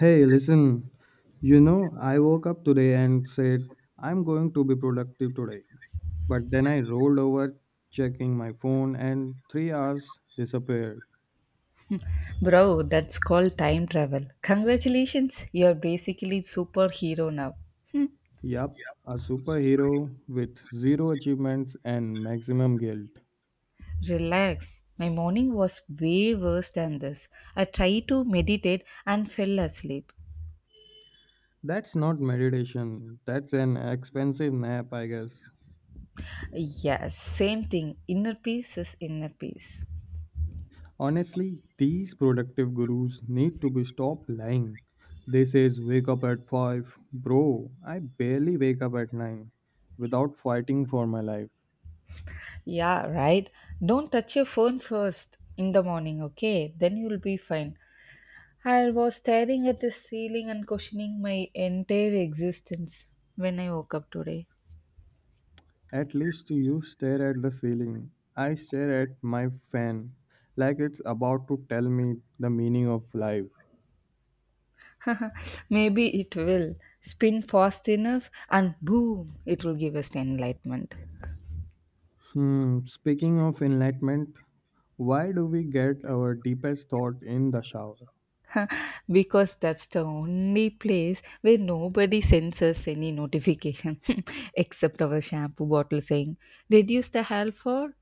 Hey, listen, I woke up today and said, I'm going to be productive today. But then I rolled over, checking my phone, and 3 hours disappeared. Bro, that's called time travel. Congratulations, you're basically superhero now. Yup, a superhero with zero achievements and maximum guilt. Relax. My morning was way worse than this. I tried to meditate and fell asleep. That's not meditation, that's an expensive nap, I guess. Yes, same thing. Inner peace is inner peace. Honestly, these productive gurus need to be stopped lying. They says wake up at 5. Bro, I barely wake up at 9 without fighting for my life. Yeah, right. Don't touch your phone first in the morning, okay? Then you'll be fine. I was staring at the ceiling and questioning my entire existence when I woke up today. At least you stare at the ceiling. I stare at my fan like it's about to tell me the meaning of life. Maybe it will spin fast enough and boom, it will give us enlightenment. Speaking of enlightenment, why do we get our deepest thought in the shower? Because that's the only place where nobody sends us any notification, except our shampoo bottle saying, reduce the hair for?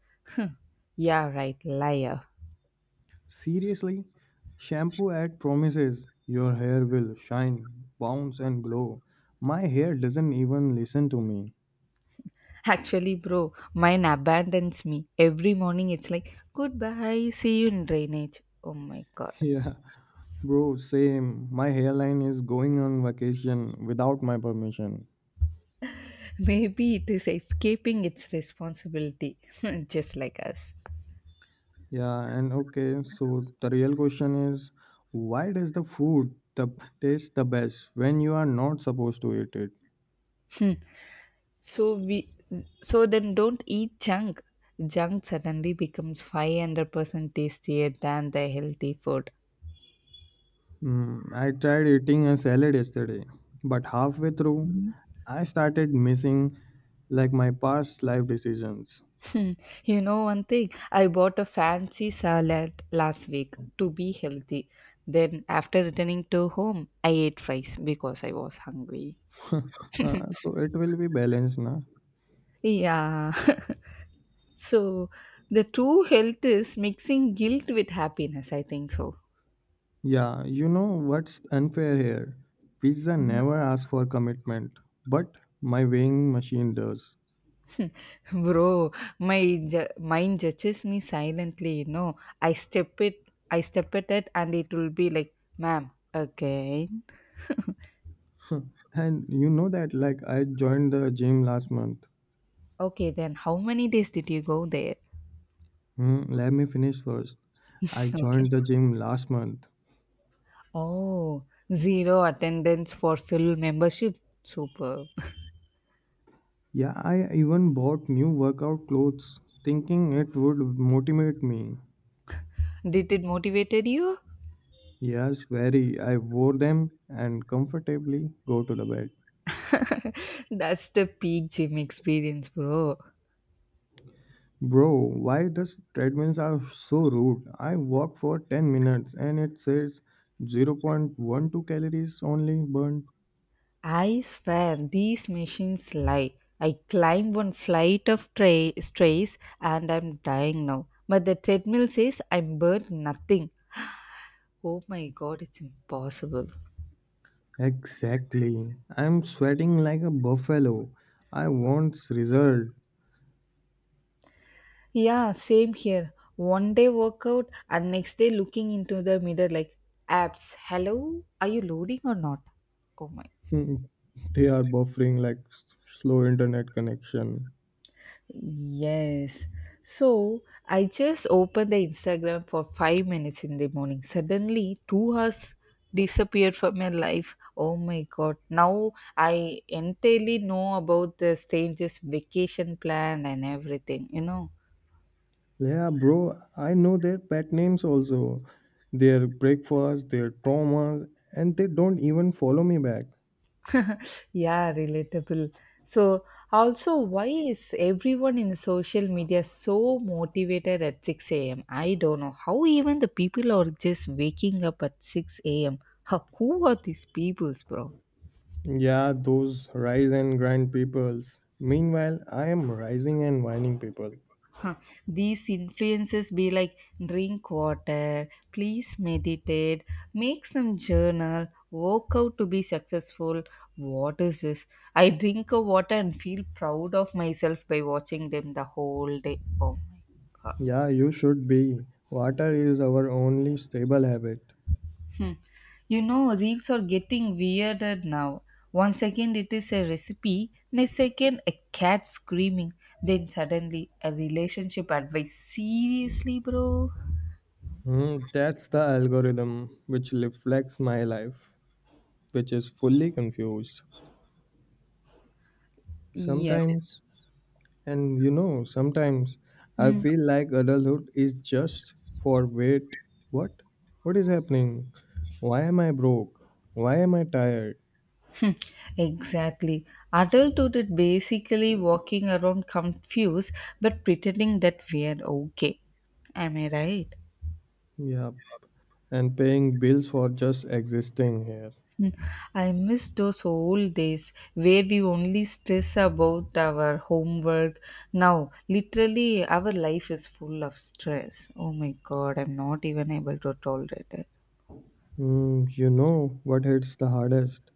Yeah, right, liar. Seriously, shampoo ad promises your hair will shine, bounce, and glow. My hair doesn't even listen to me. Actually, bro, mine abandons me. Every morning it's like, goodbye, see you in drainage. Oh my god. Yeah, bro, same. My hairline is going on vacation without my permission. Maybe it is escaping its responsibility, just like us. Yeah, and okay, so the real question is why does the food taste the best when you are not supposed to eat it? So we so then don't eat junk. Junk suddenly becomes 500% tastier than the healthy food. I tried eating a salad yesterday, but halfway through, I started missing like my past life decisions. Hmm, one thing, I bought a fancy salad last week to be healthy. Then after returning to home, I ate fries because I was hungry. So it will be balanced, na? Yeah. So the true health is mixing guilt with happiness, I think so. Yeah, you know what's unfair here? Pizza never asks for commitment, but my weighing machine does. Bro, my mind judges me silently, I step it, I step at it, and it will be like, ma'am, again. And you know that, like, I joined the gym last month. Okay, then how many days did you go there? Let me finish first. I Okay. joined the gym last month. Oh, zero attendance for full membership. Super. Yeah, I even bought new workout clothes thinking it would motivate me. Did it motivated you? Yes, very. I wore them and comfortably go to the bed. That's the peak gym experience, bro. Bro, why these treadmills are so rude? I walk for 10 minutes and it says 0.12 calories only burned. I swear these machines lie. I climbed one flight of strays and I'm dying now. But the treadmill says I burned nothing. Oh my god, it's impossible. Exactly. I'm sweating like a buffalo. I want result. Yeah, same here. One day workout and next day looking into the mirror like, apps, hello, are you loading or not? Oh my They are buffering like slow internet connection. yes. So I just opened the Instagram for 5 minutes in the morning. Suddenly, 2 hours disappeared from my life. Oh my god. Now I entirely know about the strangest vacation plan and everything, Yeah, bro, I know their pet names also, their breakfast, their traumas, and they don't even follow me back. Yeah, relatable. So, also, why is everyone in social media so motivated at 6 a.m.? I don't know. How even the people are just waking up at 6 a.m.? Huh, who are these peoples, bro? Yeah, those rise and grind peoples. Meanwhile, I am rising and whining people. Huh, these influences be like drink water, please meditate, make some journal, work out to be successful. What is this? I drink a water and feel proud of myself by watching them the whole day. Oh my god. Yeah, you should be. Water is our only stable habit. Hmm. You know, reels are getting weirder now. One second it is a recipe, next second a cat screaming, then suddenly a relationship advice. Seriously, bro? That's the algorithm which reflects my life, which is fully confused. Yes. Sometimes And sometimes I Hmm. feel like adulthood is just for wait, what? What is happening? Why am I broke? Why am I tired? Hmm, exactly. Adulthood is basically walking around confused but pretending that we are okay. Am I right? Yeah, and paying bills for just existing here. Hmm, I miss those old days where we only stress about our homework. Now, literally, our life is full of stress. Oh my god, I'm not even able to tolerate it. You know what hits the hardest?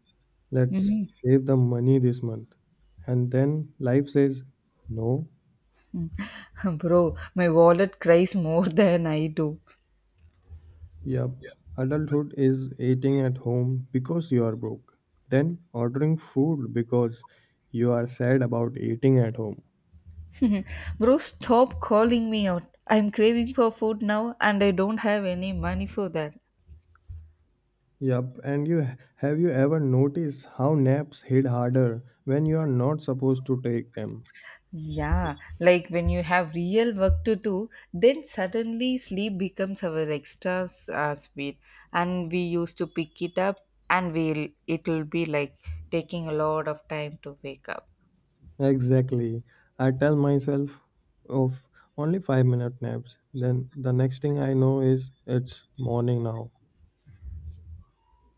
Let's Mhm. save the money this month. And then life says, no. Bro, my wallet cries more than I do. Yep, adulthood is eating at home because you are broke, then ordering food because you are sad about eating at home. Bro, stop calling me out. I'm craving for food now and I don't have any money for that. Yep, and you ever noticed how naps hit harder when you are not supposed to take them? Yeah, like when you have real work to do, then suddenly sleep becomes our extra sweet and we used to pick it up and we'll it'll be like taking a lot of time to wake up. Exactly. I tell myself of only 5-minute naps. Then the next thing I know is it's morning now.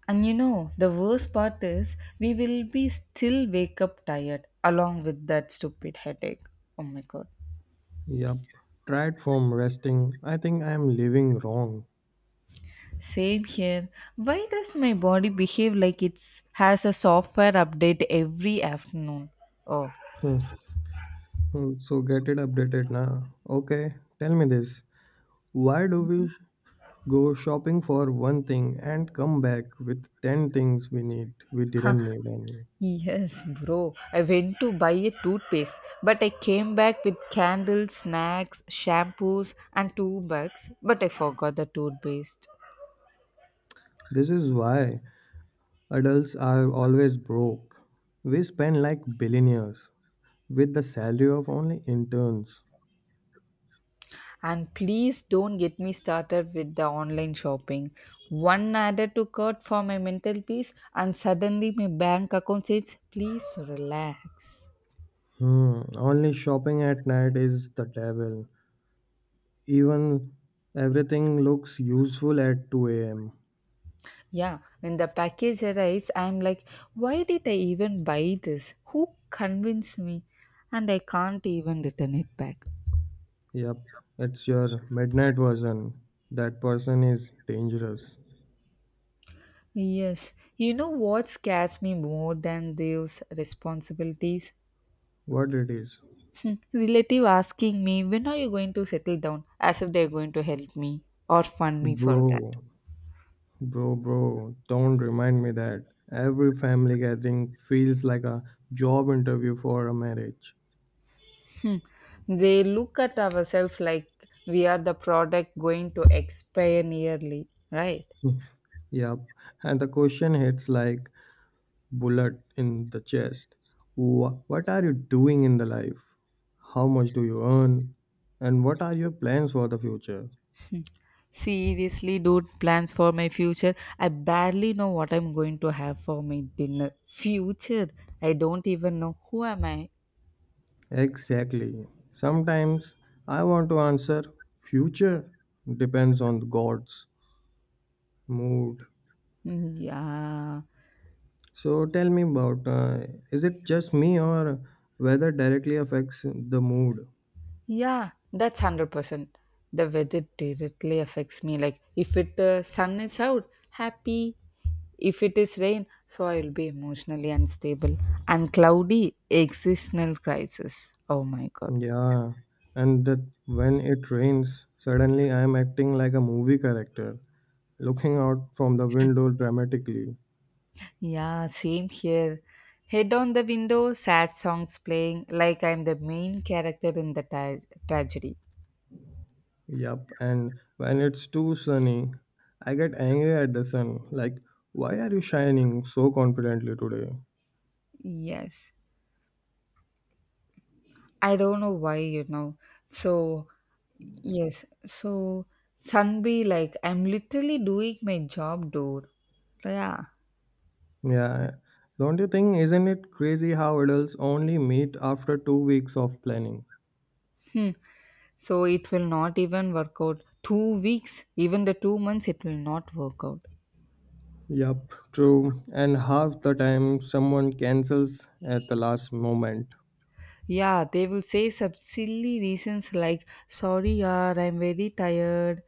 And you know, the worst part is we will be still wake up tired along with that stupid headache. Oh my god. Yep. Tried from resting. I think I am living wrong. Same here. Why does my body behave like it's has a software update every afternoon? Oh, So get it updated now. Okay, tell me this. Why do we go shopping for one thing and come back with 10 things we huh. didn't need any? Yes, bro. I went to buy a toothpaste, but I came back with candles, snacks, shampoos, and two bags. But I forgot the toothpaste. This is why adults are always broke. We spend like billionaires with the salary of only interns. And please don't get me started with the online shopping. One added to cart for my mental peace, and suddenly my bank account says, please relax. Only shopping at night is the devil. Even everything looks useful at 2 a.m. Yeah, when the package arrives, I'm like, why did I even buy this? Who convinced me? And I can't even return it back. Yep, it's your midnight version. That person is dangerous. Yes, you know what scares me more than those responsibilities? What it is? Hmm, relative asking me, when are you going to settle down? As if they're going to help me or fund me for that. Bro, bro, bro, don't remind me that. Every family gathering feels like a job interview for a marriage. Hmm. They look at ourselves like we are the product going to expire nearly, right? Yep, and the question hits like bullet in the chest. What are you doing in the life? How much do you earn? And what are your plans for the future? Hmm. Seriously, dude, plans for my future. I barely know what I'm going to have for my dinner. Future? I don't even know who am I. Exactly. Sometimes I want to answer future depends on God's mood. Mm, yeah, So tell me about is it just me or weather directly affects the mood? yeah, that's 100%. The weather directly affects me. Like if it sun is out, happy. If it is rain, so I will be emotionally unstable and cloudy. Existential crisis. Oh my god. Yeah, and that when it rains, suddenly I am acting like a movie character, looking out from the window dramatically. Yeah, same here. Head on the window, sad songs playing like I'm the main character in the tragedy. Yup, and when it's too sunny, I get angry at the sun, like, why are you shining so confidently today? Yes. I don't know why, So, yes. So, Sunbe, like, I'm literally doing my job, dude. Yeah. Yeah. Yeah. Don't you think, isn't it crazy how adults only meet after 2 weeks of planning? Hmm. So, it will not even work out. 2 weeks, even the 2 months, it will not work out. Yup, true. And half the time, someone cancels at the last moment. Yeah, they will say some silly reasons like, sorry, yaar, I'm very tired,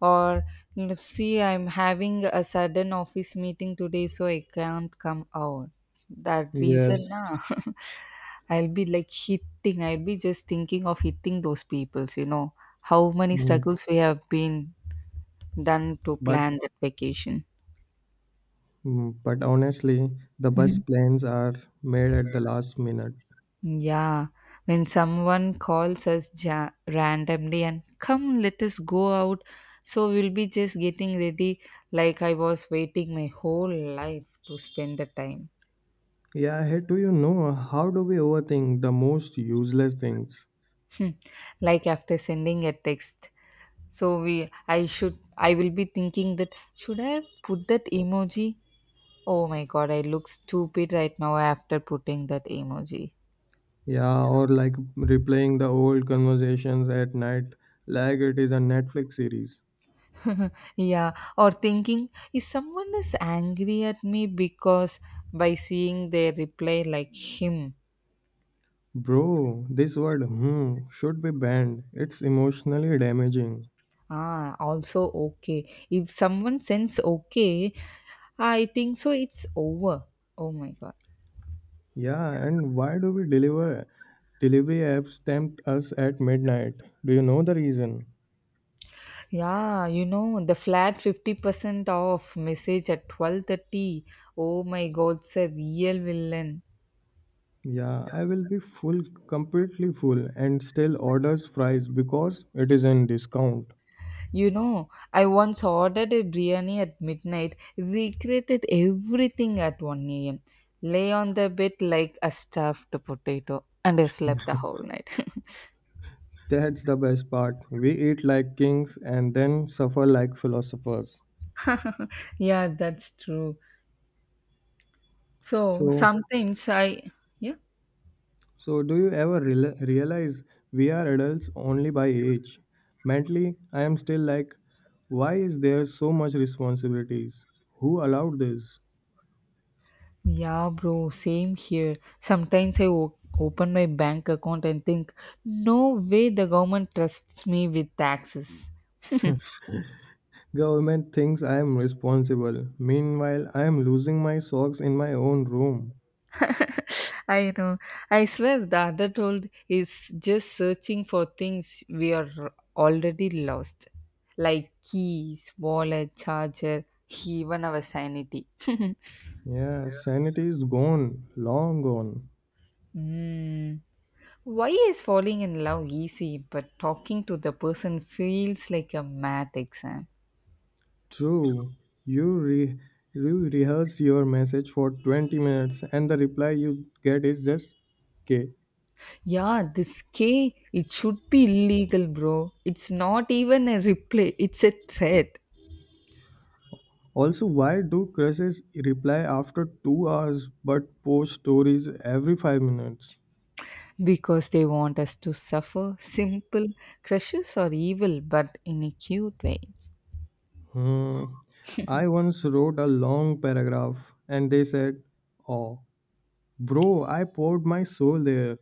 or you know, see, I'm having a sudden office meeting today, so I can't come out. That reason, Yes. na, I'll be like I'll be just thinking of hitting those peoples, how many mm, struggles we have been done to But plan that vacation. but honestly, the best plans are made at the last minute. Yeah, when someone calls us randomly and come, let us go out. So we'll be just getting ready like I was waiting my whole life to spend the time. Yeah, hey, do you know how do we overthink the most useless things? Hmm, like after sending a text. So we I should I will be thinking that should I have put that emoji? Oh my god, I look stupid right now after putting that emoji. Yeah, or like replaying the old conversations at night like it is a Netflix series. Yeah, or thinking, if someone is angry at me because by seeing their reply like him, Bro, this word hmm should be banned. It's emotionally damaging. ah, also okay. If someone sends okay, I think so it's over. Oh my god. Yeah, and why do we delivery apps tempt us at midnight? Do you know the reason? Yeah, you know the flat 50% off message at 12:30. Oh my god, it's a real villain. Yeah, I will be full, completely full, and still orders fries because it is in discount. You know, I once ordered a biryani at midnight, regretted everything at 1 a.m., lay on the bed like a stuffed potato, and I slept the whole night. That's the best part. We eat like kings and then suffer like philosophers. Yeah, that's true. So So sometimes I, yeah. So, do you ever realize we are adults only by age? Mentally, I am still like, why is there so much responsibilities? Who allowed this? Yeah, bro, same here. Sometimes I open my bank account and think, no way the government trusts me with taxes. Government thinks I am responsible. Meanwhile, I am losing my socks in my own room. I know. I swear the adulthood is just searching for things we are already lost, like keys, wallet, charger, even our sanity. Yeah, sanity is gone, long gone. Hmm. Why is falling in love easy, but talking to the person feels like a math exam? True, you re- you rehearse your message for 20 minutes and the reply you get is just K. Yeah, this K, it should be illegal, bro. It's not even a replay, it's a threat. Also, why do crushes reply after 2 hours but post stories every 5 minutes? Because they want us to suffer. Simple crushes are evil, but in a cute way. Hmm. I once wrote a long paragraph and they said, Oh, bro, I poured my soul there.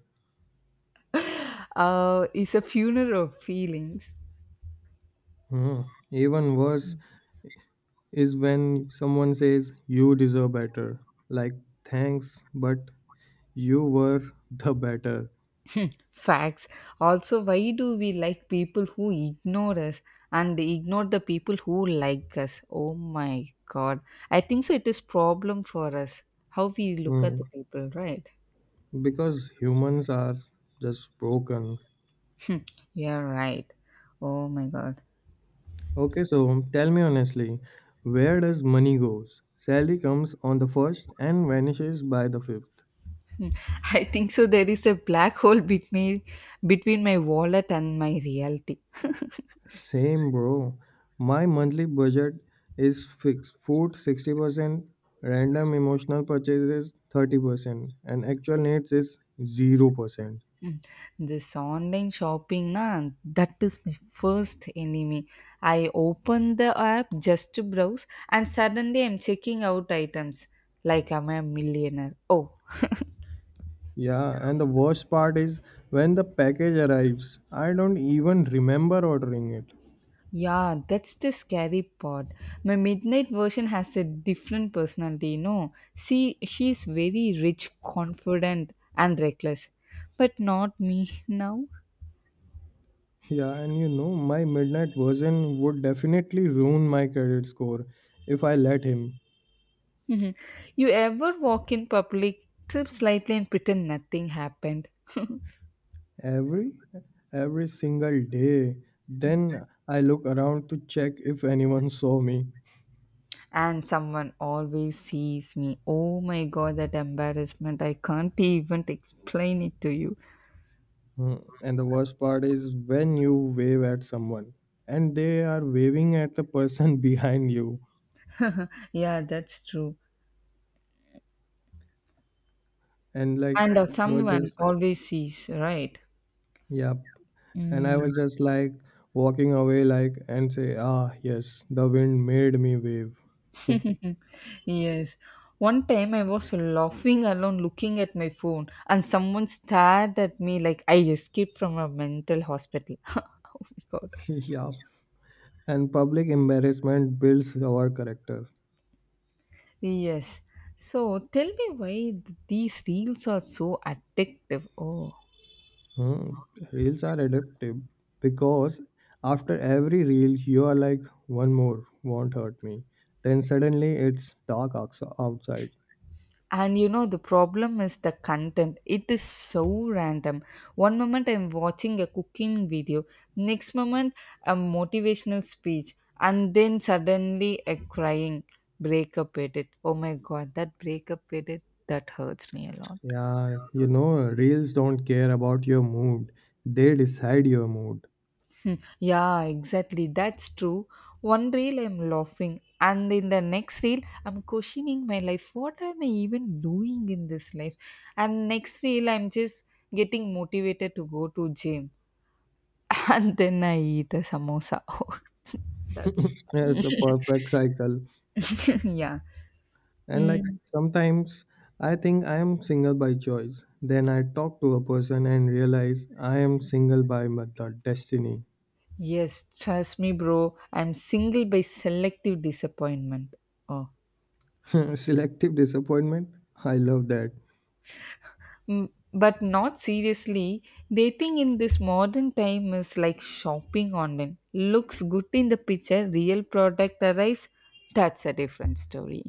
It's a funeral of feelings. Hmm. Even worse is when someone says, You deserve better. Like, thanks, but you were the better. Facts. Also, why do we like people who ignore us and they ignore the people who like us? Oh my god. I think so it is problem for us. How we look at the Hmm. people, right? Because humans are just broken. Yeah, right. Oh my god. Okay, so tell me honestly, where does money goes? Sally comes on the first and vanishes by the fifth. Hmm. I think so there is a black hole between my wallet and my reality. Same bro. My monthly budget is fixed. Food 60%, random emotional purchases 30%, and actual needs is 0%. Mm. This online shopping, na, that is my first enemy. I open the app just to browse, and suddenly I'm checking out items like I'm a millionaire. Oh, Yeah, and the worst part is when the package arrives, I don't even remember ordering it. yeah, that's the scary part. My midnight version has a different personality, See, she's very rich, confident, and reckless, but not me now. Yeah, and my midnight version would definitely ruin my credit score if I let him. Mhm. You ever walk in public, trip slightly, and pretend nothing happened? Every every single day. Then I look around to check if anyone saw me. And someone always sees me. Oh my god, that embarrassment. I can't even explain it to you. And the worst part is when you wave at someone and they are waving at the person behind you. Yeah, that's true. And like And it was someone just, always sees, right? yep. And Mm, I was just like walking away like and say, Ah yes, the wind made me wave. yes. One time I was laughing alone looking at my phone, and someone stared at me like I escaped from a mental hospital. Oh my god. Yeah. And public embarrassment builds our character. Yes. So tell me why these reels are so addictive. Oh. Hmm. Reels are addictive because after every reel, you are like, one more won't hurt me. Then suddenly it's dark outside. And you know the problem is the content, it is so random. One moment I'm watching a cooking video, next moment a motivational speech, and then suddenly a crying breakup edit. Oh my god, that breakup edit, that hurts me a lot. Yeah, reels don't care about your mood, they decide your mood. Hmm, yeah, exactly. That's true. One reel I'm laughing, and in the next reel I'm questioning my life. What am I even doing in this life? And next reel I'm just getting motivated to go to gym, and then I eat a samosa. Oh, that's funny. It's a perfect cycle. Yeah. And like Mm. sometimes I think I am single by choice. Then I talk to a person and realize I am single by my the destiny. Yes, trust me, bro. I'm single by selective disappointment. Oh. Selective disappointment? I love that. Mm, but not seriously, dating in this modern time is like shopping online. Looks good in the picture, real product arrives, that's a different story.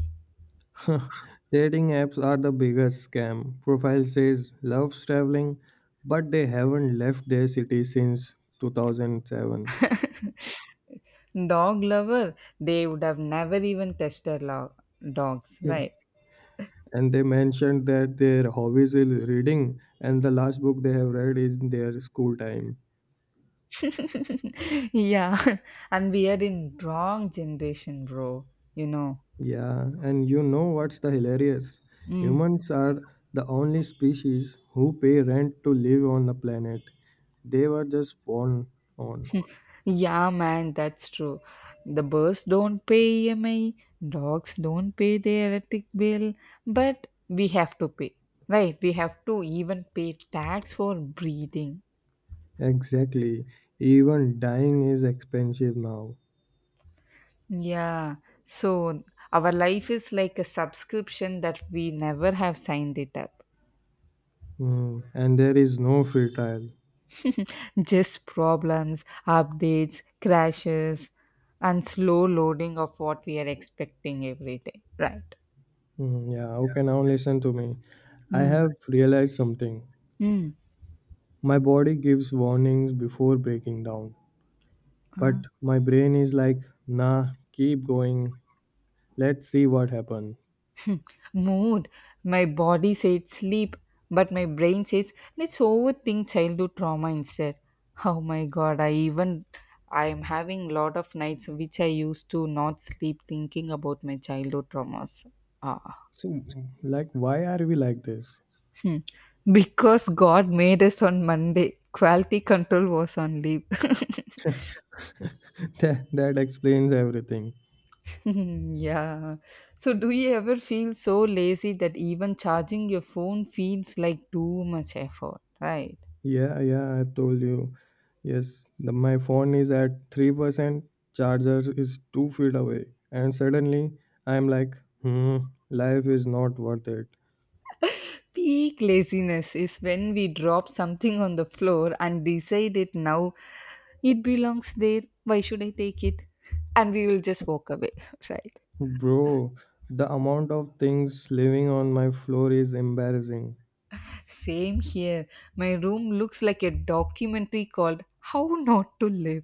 Dating apps are the biggest scam. Profile says loves traveling, but they haven't left their city since 2007. Dog lover, they would have never even touched their dogs, Hmm. right? And they mentioned that their hobbies is reading, and the last book they have read is in their school time. Yeah. And we are in wrong generation, bro, you know Yeah, and you know what's the hilarious? Mm. Humans are the only species who pay rent to live on the planet. They were just born on. Yeah, man, that's true. The birds don't pay EMI, dogs don't pay their electric bill, but we have to pay, right? We have to even pay tax for breathing. Exactly. Even dying is expensive now. Yeah, so our life is like a subscription that we never have signed it up. And there is no free trial. Just problems, updates, crashes, and slow loading of what we are expecting every day, right? Yeah, okay, now listen to me. I have realized something. Mm. My body gives warnings before breaking down, but my brain is like, nah, keep going. Let's see what happens. Hmm. Mood. My body said sleep, but my brain says let's overthink childhood trauma instead. Oh my god, I am having lot of nights which I used to not sleep thinking about my childhood traumas. Ah. So, like, why are we like this? Hmm. Because God made us on Monday. Quality control was on leave. That explains everything. Yeah. So, do you ever feel so lazy that even charging your phone feels like too much effort, right? Yeah, yeah, I told you. Yes, my phone is at 3%, charger is 2 feet away, and suddenly I'm like, hmm, life is not worth it. Peak laziness is when we drop something on the floor and decide it now, it belongs there. Why should I take it? And we will just walk away, right? Bro, the amount of things living on my floor is embarrassing. Same here. My room looks like a documentary called how not to live.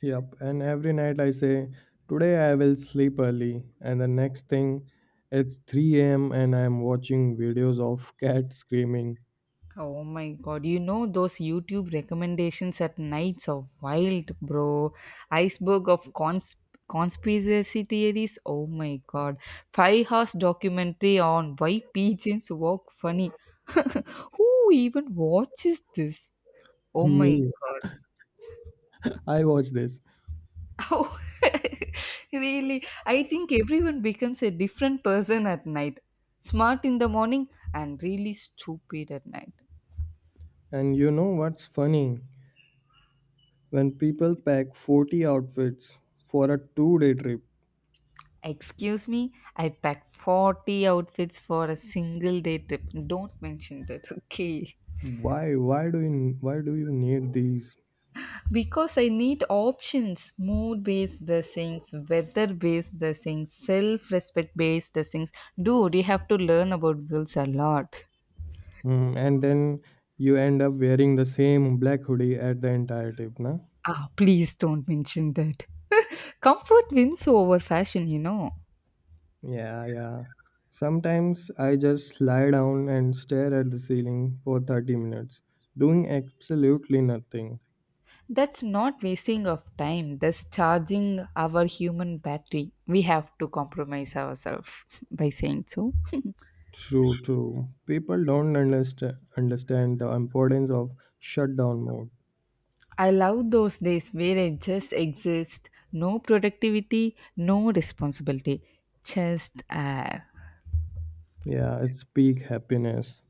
Yep, and every night I say, today I will sleep early, and the next thing, it's 3 a.m. and I'm watching videos of cat screaming. Oh my god, you know those YouTube recommendations at nights are wild, bro. Iceberg of conspiracy theories. Oh my god. 5 hours documentary on why pigeons walk funny. Who even watches this? Oh my Me, god. I watch this. Oh, really? I think everyone becomes a different person at night. Smart in the morning and really stupid at night. And you know what's funny? When people pack 40 outfits for a 2 day trip, Excuse me, I packed 40 outfits for a single day trip. Don't mention that, okay? why do you need these? Because I need options, mood based dressings, weather based dressings, self respect based dressings. Dude, you have to learn about girls a lot. And then you end up wearing the same black hoodie at the entire trip, na? Ah, please don't mention that. Comfort wins over fashion, Yeah, yeah. Sometimes I just lie down and stare at the ceiling for 30 minutes, doing absolutely nothing. That's not wasting of time. That's charging our human battery. We have to compromise ourselves by saying so. True, true. People don't understand the importance of shutdown mode. I love those days where I just exist, no productivity, no responsibility, just air. Yeah, it's peak happiness.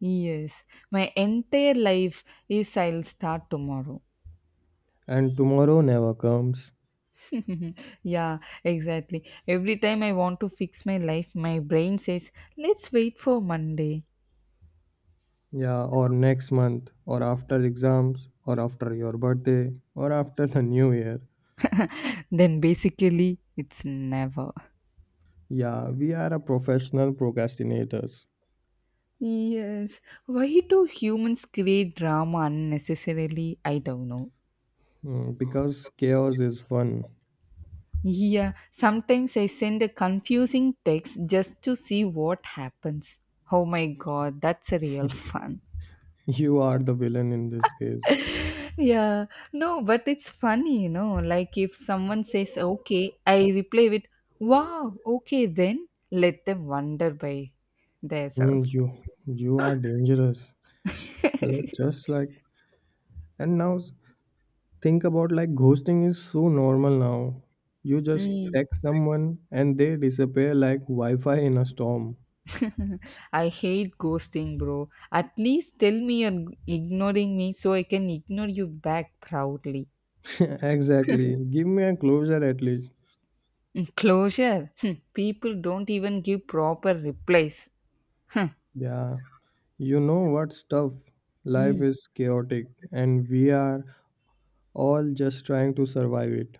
Yes, my entire life is I'll start tomorrow. And tomorrow never comes. Yeah, exactly. Every time I want to fix my life, my brain says, let's wait for Monday. Yeah, or next month, or after exams, or after your birthday, or after the new year. Then basically, it's never. Yeah, we are a professional procrastinators. Yes. Why do humans create drama unnecessarily? I don't know. Because chaos is fun. Yeah, sometimes I send a confusing text just to see what happens. Oh my god, that's a real fun. You are the villain in this case. Yeah, no, but it's funny, Like if someone says okay, I reply with wow, okay, then let them wonder by themselves. You are dangerous. Like, just like and now think about like ghosting is so normal now. You just Mm. text someone and they disappear like Wi-Fi in a storm. I hate ghosting, bro. At least tell me you're ignoring me so I can ignore you back proudly. Exactly. Give me a closure at least. Mm, closure. Hmm, people don't even give proper replies. Huh. Yeah. You know what's tough? Life Mm. is chaotic and we are all just trying to survive it.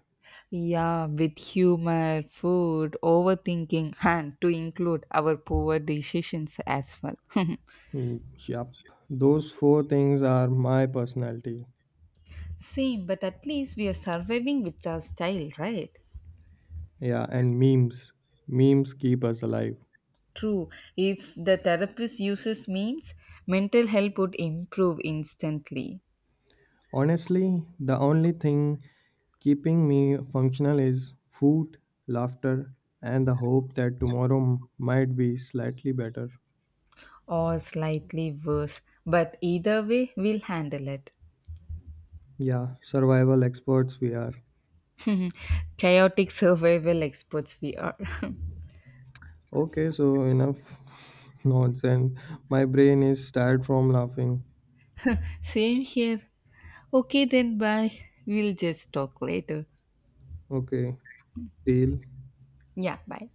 Yeah, with humor, food, overthinking, and to include our poor decisions as well. Hmm, yup. Those four things are my personality. Same, but at least we are surviving with our style, right? Yeah, and memes. Memes keep us alive. True. If the therapist uses memes, mental health would improve instantly Honestly, the only thing keeping me functional is food, laughter, and the hope that tomorrow might be slightly better. or slightly worse. But either way, we'll handle it. Yeah, survival experts we are. Chaotic survival experts we are. Okay, so enough nonsense. My brain is tired from laughing. Same here. Okay, then bye. We'll just talk later. Okay, deal. Yeah, bye.